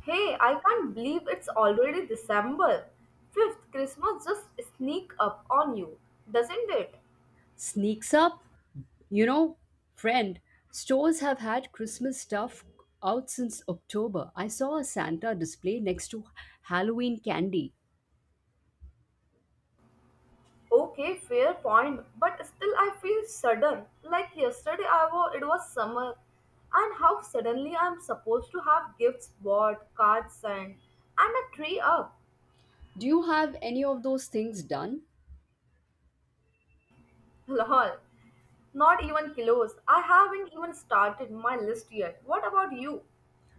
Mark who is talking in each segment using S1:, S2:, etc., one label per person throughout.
S1: Hey, I can't believe it's already December. Fifth, Christmas just sneak up on you, doesn't it?
S2: Sneaks up. You know, friend, stores have had Christmas stuff out since October. I saw a Santa display next to Halloween candy.
S1: Okay, fair point, but still I feel sudden. Like yesterday I was, it was summer, and how suddenly I'm supposed to have gifts bought, cards sent, and a tree up.
S2: Do you have any of those things done?
S1: Lol, not even close. I haven't even started my list yet. What about you?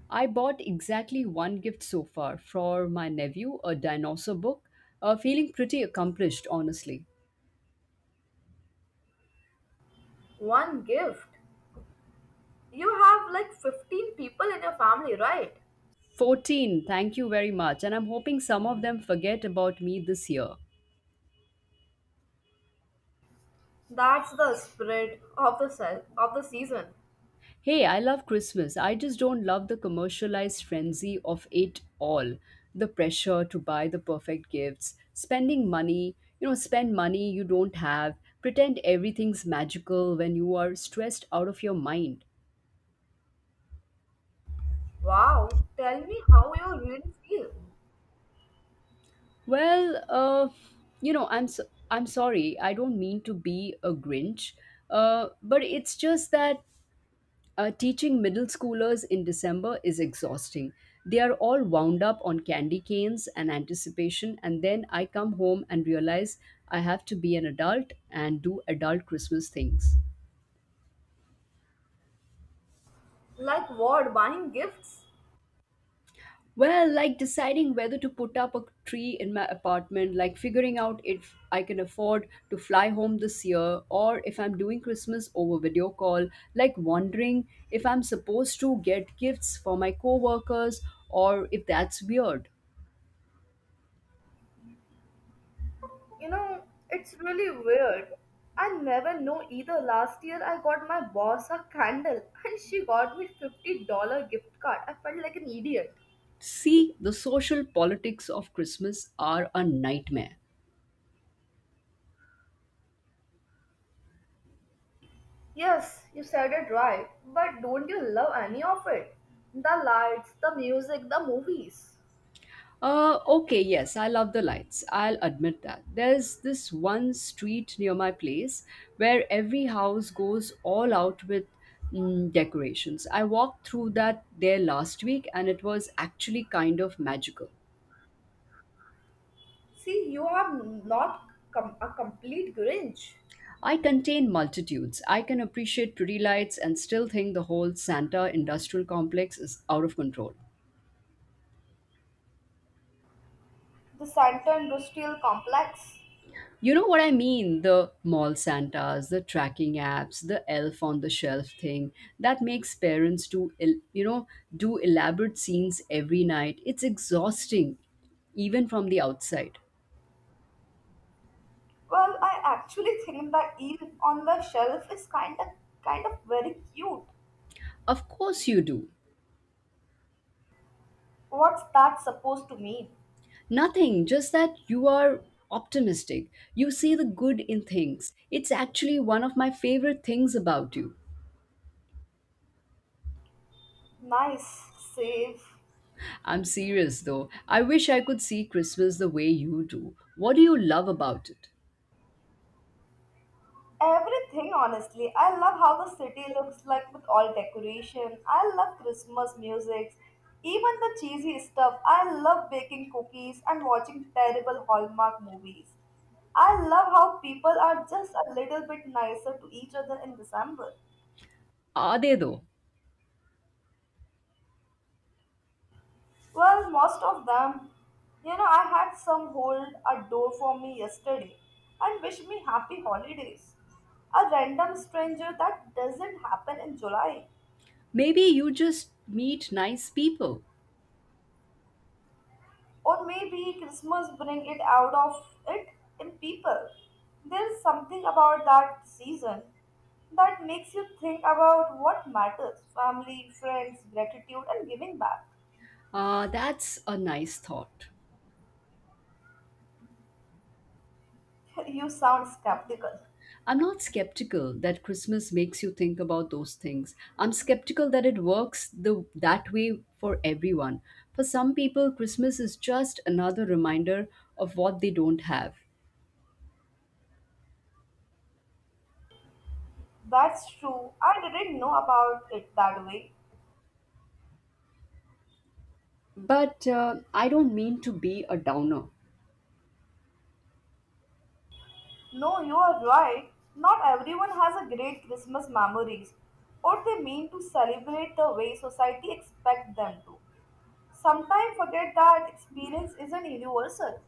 S2: I bought exactly one gift so far for my nephew, a dinosaur book. Feeling pretty accomplished, honestly.
S1: One gift. You have like 15 people in your family, right?
S2: 14, thank you very much. And I'm hoping some of them forget about me this year.
S1: That's the spirit of the season.
S2: Hey, I love Christmas. I just don't love the commercialized frenzy of it all. The pressure to buy the perfect gifts, spending money, you know, spend money you don't have, pretend everything's magical when you are stressed out of your mind.
S1: Wow, tell me how you really feel.
S2: Well, uh, you know, I'm so- I'm sorry. I don't mean to be a Grinch, but it's just that teaching middle schoolers in December is exhausting. They are all wound up on candy canes and anticipation, and then I come home and realize I have to be an adult and do adult Christmas things.
S1: Like what? Buying gifts?
S2: Well, like deciding whether to put up a tree in my apartment, like figuring out if I can afford to fly home this year, or if I'm doing Christmas over video call, like wondering if I'm supposed to get gifts for my coworkers, or if that's weird.
S1: You know, it's really weird. I never know either. Last year I got my boss a candle and she got me $50 gift card. I felt like an idiot.
S2: See, the social politics of Christmas are a nightmare.
S1: Yes, you said it right. But don't you love any of it? The lights, the music, the movies.
S2: Okay, yes, I love the lights. I'll admit that. There's this one street near my place where every house goes all out with decorations. I walked through that there last week and it was actually kind of magical.
S1: See, you are not a complete Grinch.
S2: I contain multitudes. I can appreciate pretty lights and still think the whole Santa industrial complex is out of control.
S1: The Santa Industrial Complex?
S2: You know what I mean? The mall Santas, the tracking apps, the elf on the shelf thing that makes parents do, el- you know, do elaborate scenes every night. It's exhausting, even from the outside.
S1: Well, I actually think the eel on the shelf is kind of very cute.
S2: Of course, you do.
S1: What's that supposed to mean?
S2: Nothing, just that you are optimistic. You see the good in things. It's actually one of my favorite things about you.
S1: Nice, safe,
S2: I'm serious though. I wish I could see Christmas the way you do. What do you love about it?
S1: everything honestly. I love how the city looks like with all decoration. I love Christmas music, even the cheesy stuff. I love baking cookies and watching terrible Hallmark movies. I love how people are just a little bit nicer to each other in December.
S2: Are they though?
S1: Well, most of them. You know, I had some hold a door for me yesterday and wish me happy holidays. A random stranger that doesn't happen in July.
S2: Maybe you just meet nice people.
S1: Or maybe Christmas bring it out of it in people. There's something about that season that makes you think about what matters family, friends, gratitude, and giving back.
S2: Ah, that's a nice thought.
S1: You sound skeptical.
S2: I'm not skeptical that Christmas makes you think about those things. I'm skeptical that it works the that way for everyone. For some people, Christmas is just another reminder of what they don't have.
S1: That's true. I didn't know about it that way.
S2: But I don't mean to be a downer.
S1: No, you are right. Not everyone has a great Christmas memories or they mean to celebrate the way society expects them to. Sometimes forget that experience isn't universal.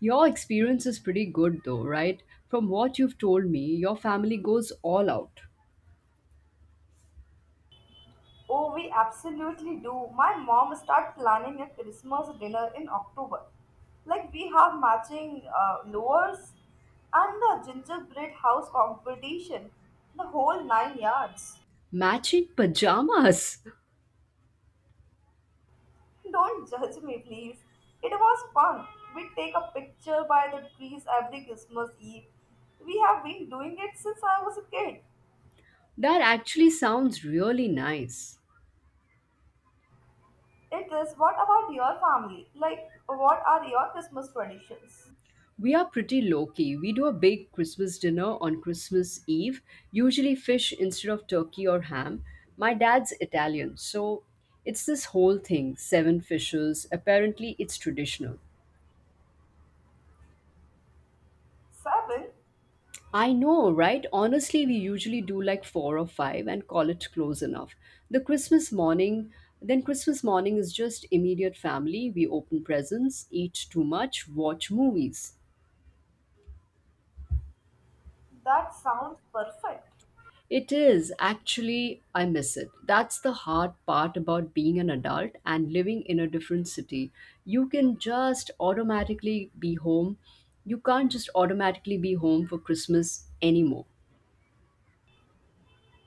S2: Your experience is pretty good though, right? From what you've told me, your family goes all out.
S1: Oh, we absolutely do. My mom start planning a Christmas dinner in October. Like we have matching lures and the gingerbread house competition, the whole nine yards.
S2: Matching pajamas.
S1: Don't judge me, please. It was fun. We take a picture by the trees every Christmas Eve. We have been doing it since I was a kid.
S2: That actually sounds really nice.
S1: It is what about your family? Like, what are your Christmas traditions?
S2: We are pretty low key. We do a big Christmas dinner on Christmas Eve, usually fish instead of turkey or ham. My dad's Italian, so it's this whole thing seven fishes. Apparently, it's traditional.
S1: Seven?
S2: I know, right? Honestly, we usually do like four or five and call it close enough. The Christmas morning, then Christmas morning is just immediate family. We open presents, eat too much, watch movies.
S1: That sounds perfect.
S2: It is. Actually, I miss it. That's the hard part about being an adult and living in a different city. You can just automatically be home. You can't just automatically be home for Christmas anymore.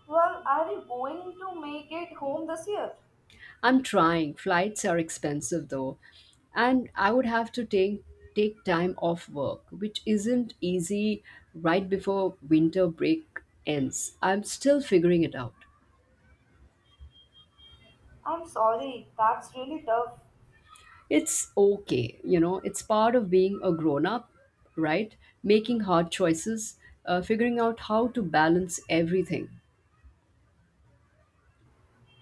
S1: Well, are you going to make it home this year?
S2: I'm trying. Flights are expensive though. And I would have to take time off work, which isn't easy right before winter break ends. I'm still figuring it out.
S1: I'm sorry, that's really tough.
S2: It's okay, you know, it's part of being a grown up, right? Making hard choices, figuring out how to balance everything.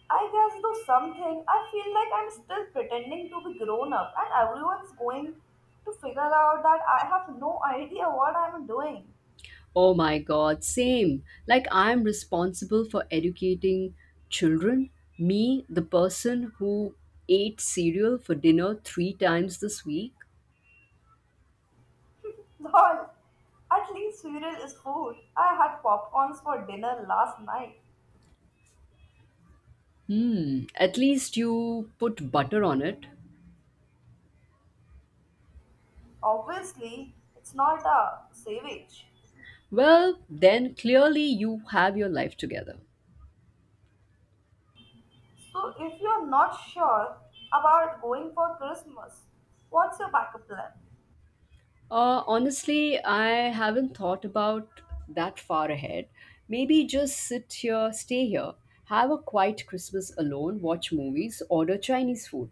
S1: I guess though something, I feel like I'm still pretending to be grown up and everyone's going to figure out that I have no idea what I'm doing.
S2: Oh my god, same. Like I'm responsible for educating children, me, the person who ate cereal for dinner three times this week.
S1: Lol, at least cereal is food. I had popcorns for dinner last night.
S2: Hmm, at least you put butter on it.
S1: Obviously, it's not a savage.
S2: Well, then clearly you have your life together.
S1: So if you're not sure about going for Christmas, what's your backup plan?
S2: Honestly, I haven't thought about that far ahead. Maybe just stay here, have a quiet Christmas alone, watch movies, order Chinese food.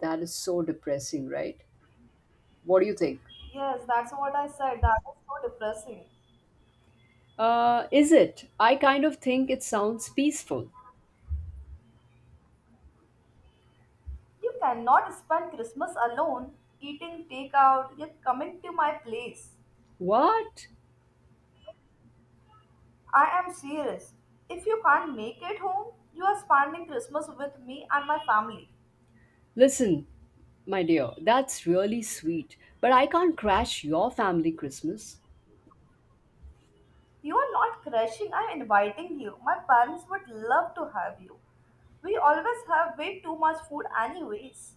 S2: That is so depressing, right? What do you think?
S1: Yes, that's what I said. That is so depressing.
S2: Is it? I kind of think it sounds peaceful.
S1: You cannot spend Christmas alone, eating takeout, yet coming to my place.
S2: What?
S1: I am serious. If you can't make it home, you are spending Christmas with me and my family.
S2: Listen, my dear, that's really sweet, but I can't crash your family Christmas.
S1: You are not crashing, I am inviting you. My parents would love to have you. We always have way too much food, anyways.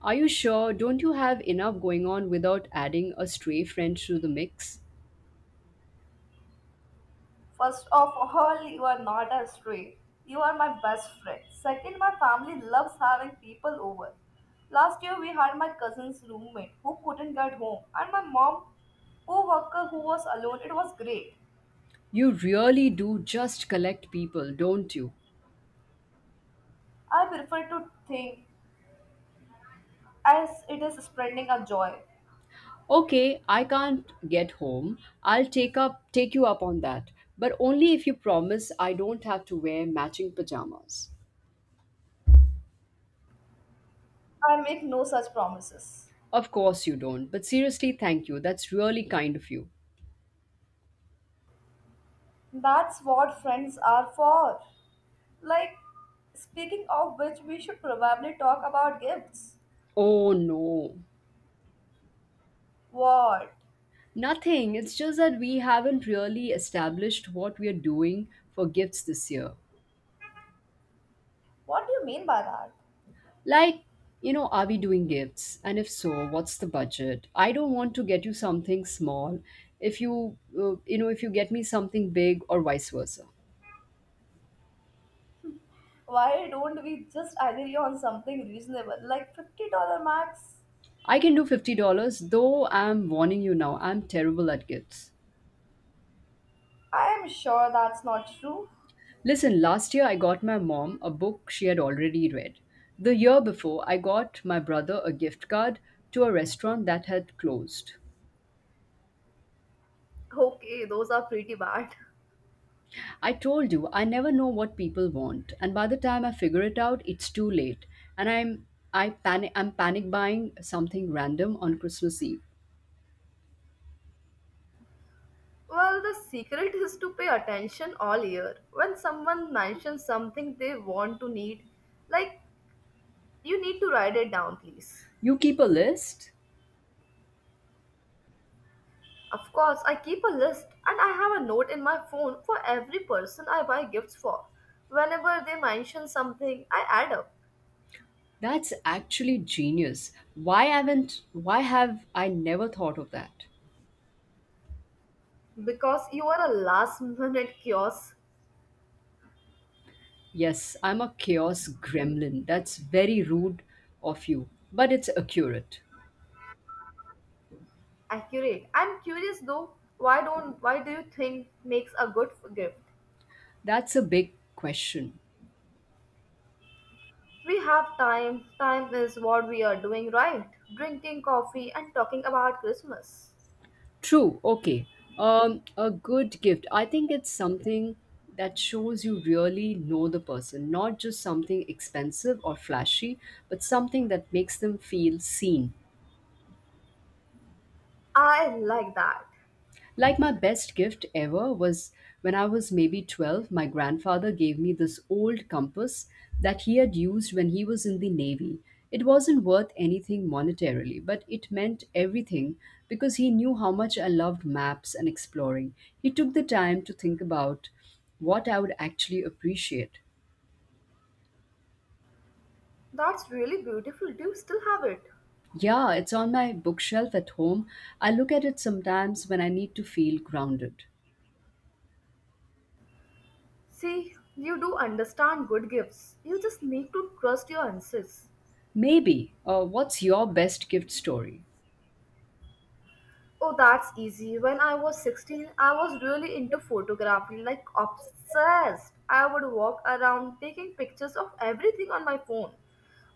S2: Are you sure? Don't you have enough going on without adding a stray friend to the mix?
S1: First of all, you are not a stray. You are my best friend. Second, my family loves having people over. Last year, we had my cousin's roommate who couldn't get home, and my mom, co worker who was alone. It was great.
S2: You really do just collect people, don't you?
S1: I prefer to think as it is spreading a joy.
S2: Okay, I can't get home. I'll take you up on that, but only if you promise I don't have to wear matching pajamas.
S1: I make no such promises.
S2: Of course you don't, but seriously, thank you. That's really kind of you.
S1: That's what friends are for. Like, speaking of which, we should probably talk about gifts.
S2: Oh no.
S1: What?
S2: Nothing. It's just that we haven't really established what we are doing for gifts this year.
S1: What do you mean by that?
S2: Like, you know, are we doing gifts? And if so, what's the budget? I don't want to get you something small if you, you know, if you get me something big or vice versa.
S1: Why don't we just agree on something reasonable, like $50 max?
S2: I can do $50, though I'm warning you now, I'm terrible at gifts.
S1: I am sure that's not true.
S2: Listen, last year I got my mom a book she had already read. The year before, I got my brother a gift card to a restaurant that had closed.
S1: Okay, those are pretty bad.
S2: I told you, I never know what people want, and by the time I figure it out, it's too late. And I'm I panic I'm panic buying something random on Christmas Eve.
S1: Well, the secret is to pay attention all year. When someone mentions something they want to need, like you need to write it down, please.
S2: You keep a list?
S1: Of course, I keep a list and I have a note in my phone for every person I buy gifts for. Whenever they mention something, I add up
S2: That's actually genius. Why haven't why have I never thought of that?
S1: because you are a last minute chaos.
S2: Yes, I'm a chaos gremlin. That's very rude of you, but it's accurate.
S1: Accurate. I'm curious though, why don't why do you think makes a good gift?
S2: That's a big question.
S1: We have time. Time is what we are doing right. Drinking coffee and talking about Christmas.
S2: True. Okay. A good gift. I think it's something that shows you really know the person, not just something expensive or flashy, but something that makes them feel seen.
S1: I like that.
S2: Like my best gift ever was when I was maybe 12, my grandfather gave me this old compass that he had used when he was in the Navy. It wasn't worth anything monetarily, but it meant everything because he knew how much I loved maps and exploring. He took the time to think about what I would actually appreciate.
S1: That's really beautiful. Do you still have it?
S2: Yeah, it's on my bookshelf at home. I look at it sometimes when I need to feel grounded.
S1: See, you do understand good gifts. You just need to trust your instincts.
S2: Maybe. What's your best gift story?
S1: Oh, that's easy. When I was 16, I was really into photography, like obsessed. I would walk around taking pictures of everything on my phone.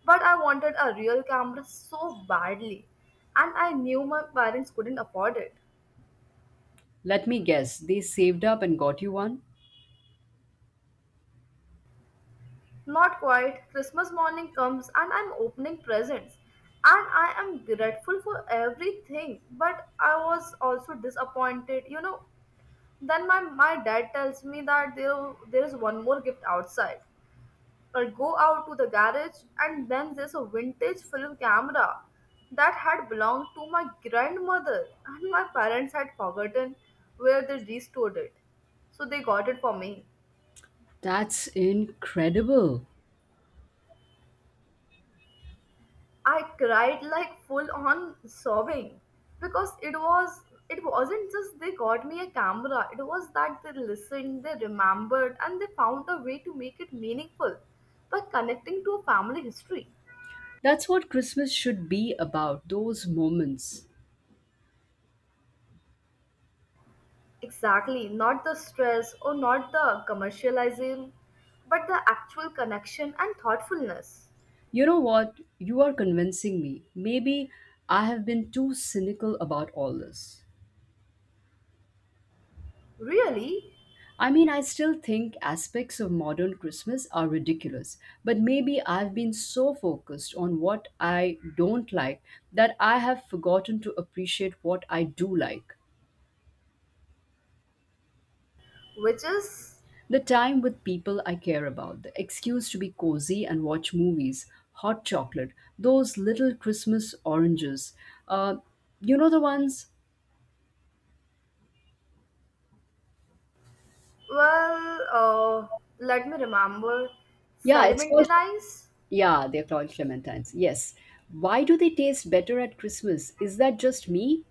S1: But I wanted a real camera so badly, and I knew my parents couldn't afford it.
S2: Let me guess, they saved up and got you one?
S1: Not quite. Christmas morning comes, and I'm opening presents. And I am grateful for everything, but I was also disappointed. You know, then my dad tells me that there is one more gift outside or go out to the garage and then there's a vintage film camera that had belonged to my grandmother and my parents had forgotten where they restored it so they got it for me.
S2: That's incredible.
S1: I cried, like, full on sobbing, because it was, it wasn't just they got me a camera, it was that they listened, they remembered, and they found a way to make it meaningful by connecting to a family history.
S2: That's what Christmas should be about, those moments.
S1: Exactly, not the stress or not the commercializing, but the actual connection and thoughtfulness.
S2: You know what? You are convincing me. Maybe I have been too cynical about all this.
S1: Really,
S2: I mean, I still think aspects of modern Christmas are ridiculous, but maybe I've been so focused on what I don't like that I have forgotten to appreciate what I do like.
S1: which is,
S2: The time with people I care about, the excuse to be cozy and watch movies, hot chocolate, those little Christmas oranges. Uh, you know the ones?
S1: well, let me remember,
S2: Yeah, it's called.
S1: Salmantinize?
S2: Yeah, they're called clementines. Yes. Why do they taste better at Christmas? Is that just me?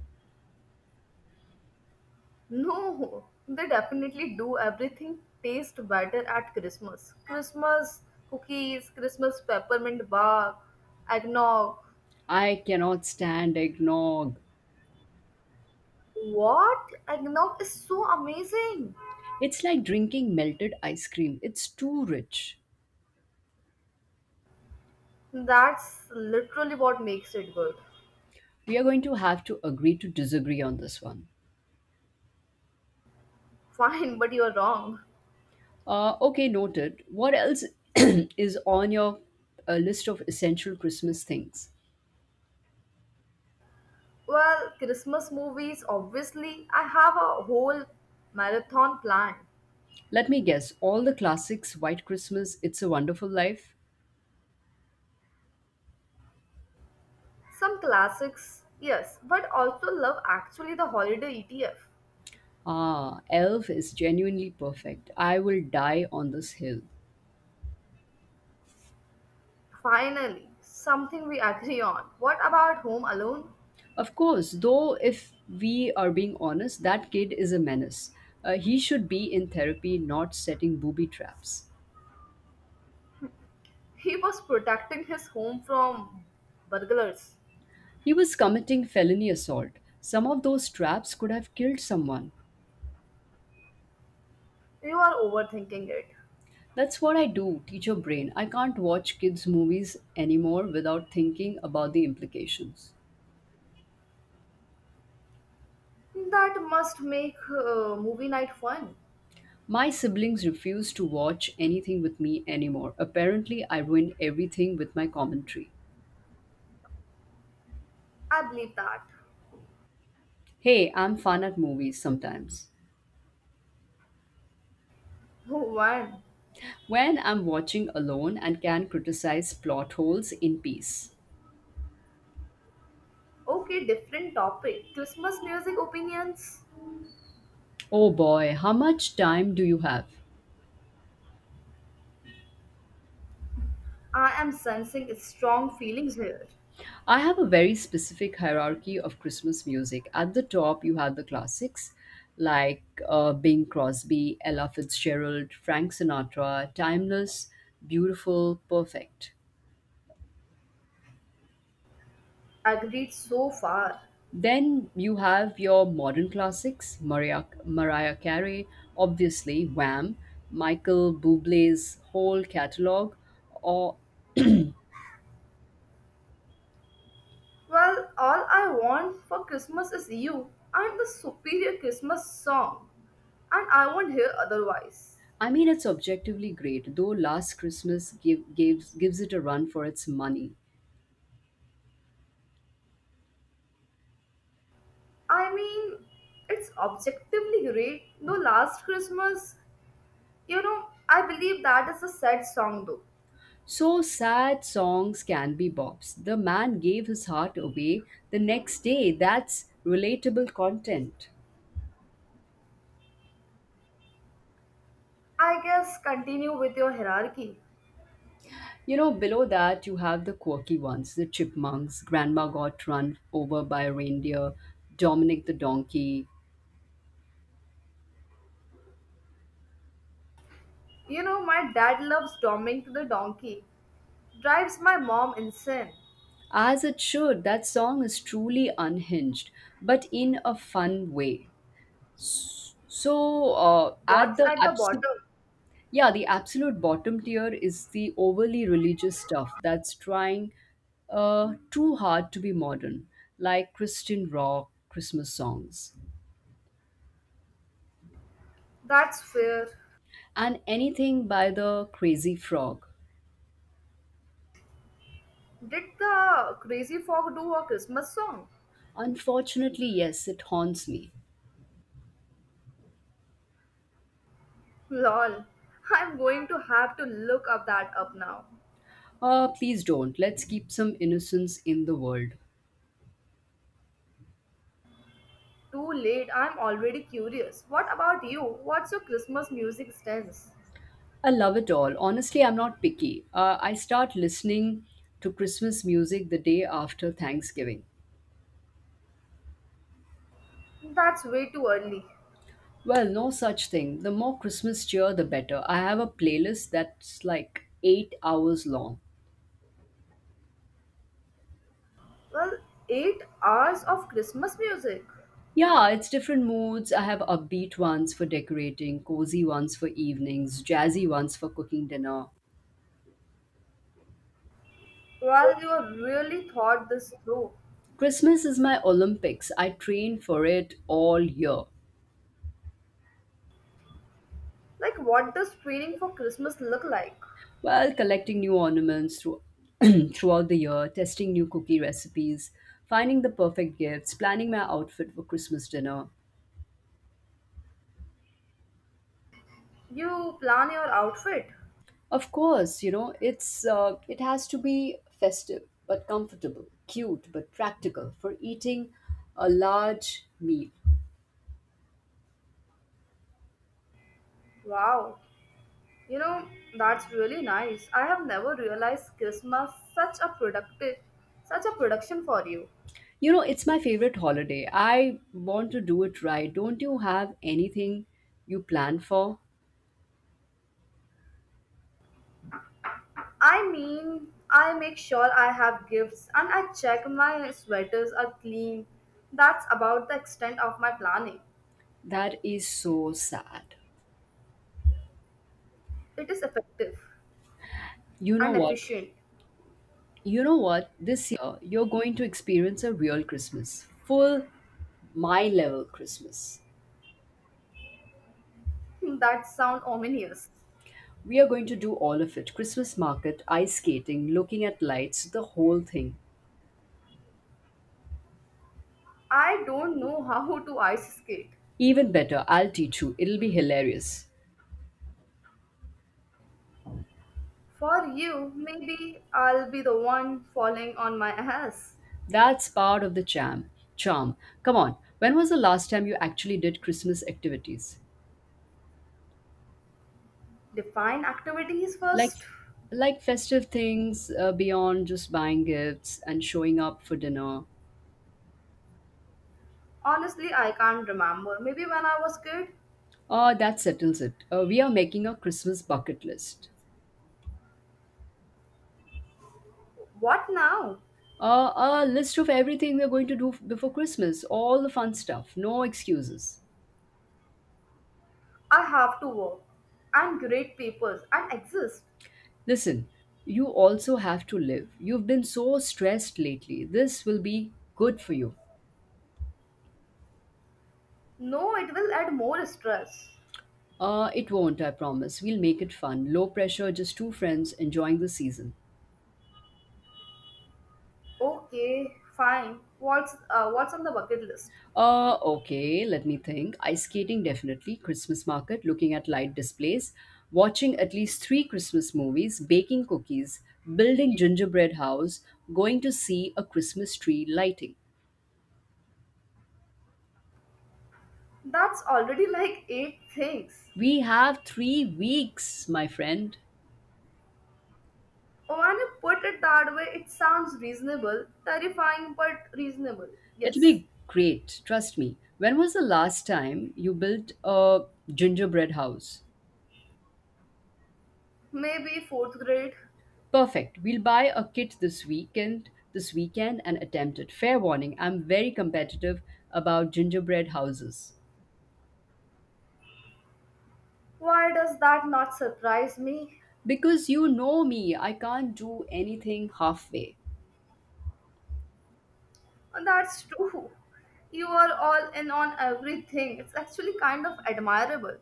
S1: No, they definitely do everything taste better at Christmas. Christmas cookies, Christmas peppermint bark, eggnog.
S2: I cannot stand eggnog.
S1: What? Eggnog is so amazing.
S2: It's like drinking melted ice cream, it's too rich.
S1: That's literally what makes it good.
S2: We are going to have to agree to disagree on this one.
S1: Fine, but you're wrong.
S2: Okay, noted. What else is on your list of essential Christmas things?
S1: Well, Christmas movies, obviously, I have a whole marathon plan.
S2: Let me guess. All the classics White Christmas, It's a Wonderful Life.
S1: Some classics, yes, but also love actually the holiday ETF.
S2: Ah, Elf is genuinely perfect. I will die on this hill.
S1: Finally, something we agree on. What about Home Alone?
S2: Of course, though, if we are being honest, that kid is a menace. He should be in therapy, not setting booby traps.
S1: He was protecting his home from burglars.
S2: He was committing felony assault. Some of those traps could have killed someone.
S1: You are overthinking it.
S2: That's what I do, teach your brain. I can't watch kids' movies anymore without thinking about the implications.
S1: That must make movie night fun.
S2: My siblings refuse to watch anything with me anymore. Apparently, I ruin everything with my commentary.
S1: I believe that.
S2: Hey, I'm fun at movies sometimes.
S1: One.
S2: When I'm watching alone and can criticize plot holes in peace.
S1: Okay, different topic. Christmas music opinions.
S2: Oh boy, how much time do you have?
S1: I am sensing strong feelings here.
S2: I have a very specific hierarchy of Christmas music. At the top, you have the classics like Bing Crosby, Ella Fitzgerald, Frank Sinatra, Timeless, Beautiful, Perfect.
S1: Agreed so far.
S2: Then you have your modern classics, Mariah Carey, obviously Wham, Michael Bublé's whole catalog, or
S1: Well, all I want for Christmas is you and the superior Christmas song. And I won't hear otherwise.
S2: I mean, it's objectively great, though Last Christmas gives it a run for its money.
S1: I mean, it's objectively great. Though last Christmas, you know, I believe that is a sad song though.
S2: So sad songs can be bops. The man gave his heart away the next day. That's relatable content.
S1: I guess continue with your hierarchy.
S2: You know, below that, you have the quirky ones the chipmunks, Grandma Got Run Over by a Reindeer, Dominic the Donkey.
S1: You know, my dad loves doming to the donkey. Drives my mom insane.
S2: As it should, that song is truly unhinged, but in a fun way. So, at
S1: What's
S2: the
S1: at the
S2: absolute
S1: bottom?
S2: Yeah, the absolute bottom tier is the overly religious stuff that's trying too hard to be modern, like Christian rock, Christmas songs,
S1: That's fair.
S2: and anything by the Crazy Frog.
S1: Did the Crazy Frog do a Christmas song?
S2: Unfortunately, yes, it haunts me.
S1: Lol. I'm going to have to look up that up now.
S2: Please don't. Let's keep some innocence in the world.
S1: Too late, I'm already curious. What about you? What's your Christmas music stance?
S2: I love it all. Honestly, I'm not picky. I start listening to Christmas music the day after Thanksgiving.
S1: That's way too early.
S2: Well, no such thing. The more Christmas cheer, the better. I have a playlist that's like 8 hours long.
S1: Well, eight hours of Christmas music?
S2: Yeah, it's different moods. I have upbeat ones for decorating, cozy ones for evenings, jazzy ones for cooking dinner.
S1: Well, you have really thought this through.
S2: Christmas is my Olympics. I train for it all year.
S1: Like, what does training for Christmas look like?
S2: Well, collecting new ornaments through, throughout the year, testing new cookie recipes, finding the perfect gifts, planning my outfit for Christmas dinner.
S1: You plan your outfit?
S2: Of course, you know, it has to be festive but comfortable, cute but practical for eating a large meal.
S1: Wow. You know, that's really nice. I have never realized Christmas such a production for you.
S2: You know, it's my favorite holiday. I want to do it right. Don't you have anything you plan for?
S1: I mean, I make sure I have gifts and I check my sweaters are clean. That's about the extent of my planning.
S2: That is so sad.
S1: It is effective
S2: You know
S1: and
S2: what?
S1: efficient.
S2: You know what? This year you're going to experience a real Christmas. Full my level Christmas.
S1: That sound ominous.
S2: We are going to do all of it: Christmas market, ice skating, looking at lights, the whole thing.
S1: I don't know how to ice skate.
S2: Even better, I'll teach you. It'll be hilarious.
S1: For you, maybe I'll be the one falling on my ass.
S2: That's part of the charm. Charm. Come on. When was the last time you actually did Christmas activities?
S1: Define activities
S2: Like
S1: first.
S2: like festive things beyond just buying gifts and showing up for dinner.
S1: Honestly, I can't remember. Maybe when I was kid.
S2: That settles it. We are making a Christmas bucket list.
S1: What now?
S2: A list of everything we're going to do before Christmas, all the fun stuff, no excuses.
S1: I have to work and grade papers and exist.
S2: Listen, you also have to live. You've been so stressed lately. This will be good for you.
S1: No, it will add more stress.
S2: It won't, I promise. We'll make it fun. Low pressure, just two friends enjoying the season.
S1: Okay, fine. What's on the bucket list?
S2: Okay, let me think. Ice skating, definitely. Christmas market, looking at light displays, watching at least three Christmas movies, baking cookies, building gingerbread house, going to see a Christmas tree lighting.
S1: That's already like 8 things.
S2: We have 3 weeks, my friend.
S1: When you put it that way, it sounds reasonable. Terrifying, but reasonable.
S2: It'll
S1: Yes.
S2: be great, trust me. When was the last time you built a gingerbread house?
S1: Maybe fourth grade.
S2: Perfect. We'll buy a kit this weekend and attempt it. Fair warning, I'm very competitive about gingerbread houses.
S1: Why does that not surprise me?
S2: Because you know me, I can't do anything halfway.
S1: And that's true. You are all in on everything. It's actually kind of admirable.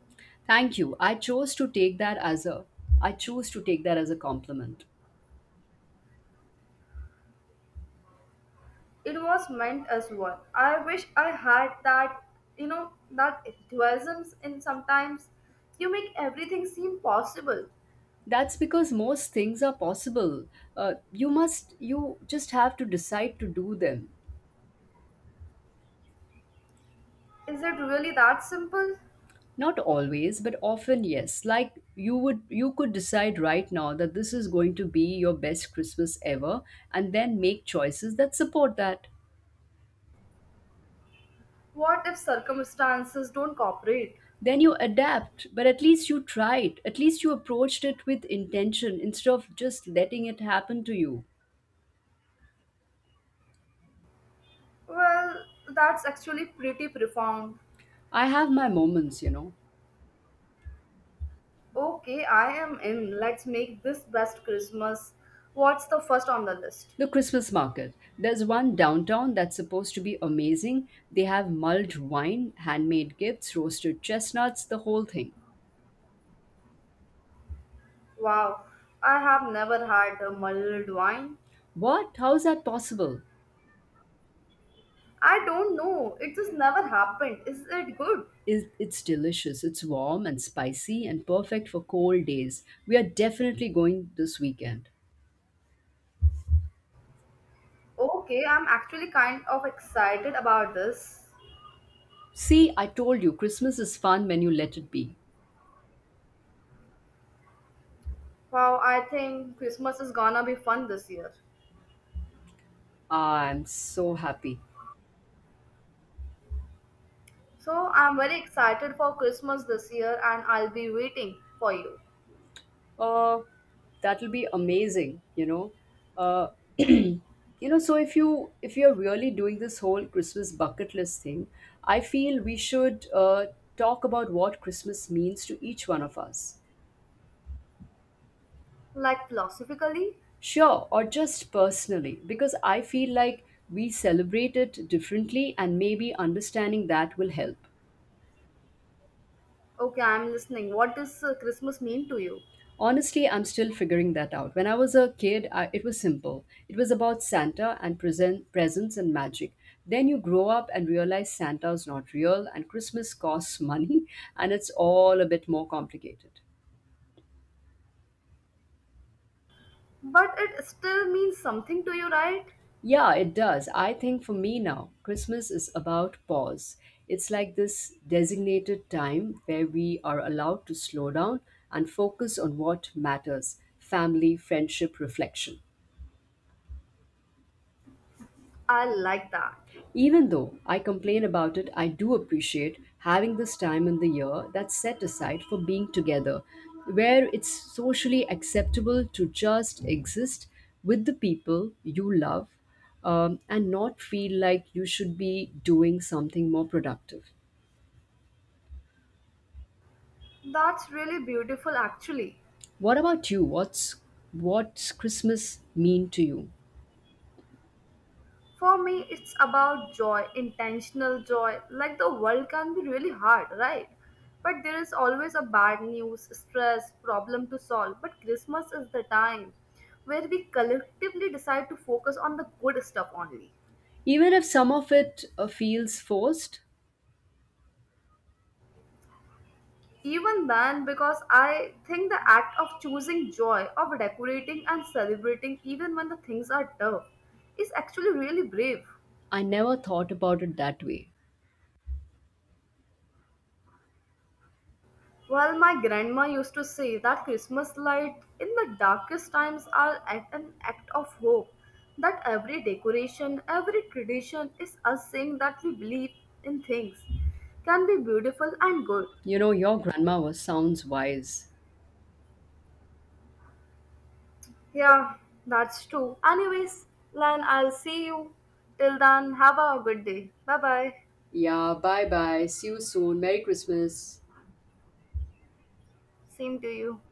S2: Thank you. I chose to take that as a compliment.
S1: It was meant as one. I wish I had that, you know, that enthusiasm and sometimes. You make everything seem possible.
S2: That's because most things are possible. You just have to decide to do them.
S1: Is it really that simple?
S2: Not always, but often yes. Like you could decide right now that this is going to be your best Christmas ever and then make choices that support that.
S1: What if circumstances don't cooperate?
S2: Then you adapt, but at least you tried. At least you approached it with intention instead of just letting it happen to you.
S1: Well, that's actually pretty profound.
S2: I have my moments, you know.
S1: Okay, I am in. Let's make this best Christmas. What's the first on the list?
S2: The Christmas market. There's one downtown that's supposed to be amazing. They have mulled wine, handmade gifts, roasted chestnuts, the whole thing.
S1: Wow, I have never had a mulled wine.
S2: What? How is that possible?
S1: I don't know, it just never happened. Is it good?
S2: Is it's delicious. It's warm and spicy and perfect for cold days. We are definitely going this weekend.
S1: Okay, I'm actually kind of excited about this.
S2: See, I told you Christmas is fun when you let it be.
S1: Wow, I think Christmas is gonna be fun this year.
S2: I'm so happy.
S1: So I'm very excited for Christmas this year and I'll be waiting for you.
S2: Uh That'll be amazing, you know. Uh you know, so if you're really doing this whole Christmas bucket list thing, I feel we should talk about what Christmas means to each one of us.
S1: Like philosophically?
S2: Sure, or just personally, because I feel like we celebrate it differently, and maybe understanding that will help.
S1: Okay, I'm listening. What does Christmas mean to you?
S2: Honestly, I'm still figuring that out. When I was a kid, it was simple. It was about Santa and presents and magic. Then you grow up and realize Santa's not real, and Christmas costs money, and it's all a bit more complicated.
S1: But it still means something to you, right?
S2: Yeah, it does. I think for me now, Christmas is about pause. It's like this designated time where we are allowed to slow down and focus on what matters: family, friendship, reflection.
S1: I like that.
S2: Even though I complain about it, I do appreciate having this time in the year that's set aside for being together, where it's socially acceptable to just exist with the people you love, and not feel like you should be doing something more productive.
S1: That's really beautiful, actually.
S2: What about you? What's Christmas mean to you?
S1: For me, it's about joy, intentional joy. Like the world can be really hard, right? But there is always a bad news, stress, problem to solve. But Christmas is the time where we collectively decide to focus on the good stuff only.
S2: Even if some of it feels forced,
S1: Even then, because I think the act of choosing joy, of decorating and celebrating, even when the things are tough, is actually really brave.
S2: I never thought about it that way.
S1: Well, my grandma used to say that Christmas light in the darkest times are at an act of hope. That every decoration, every tradition is us saying that we believe in things can be beautiful and good.
S2: You know, your grandma was sounds wise.
S1: Yeah, that's true. Anyways, Lan, I'll see you. Till then, have a good day. Bye bye.
S2: Yeah, bye bye. See you soon. Merry Christmas.
S1: Same to you.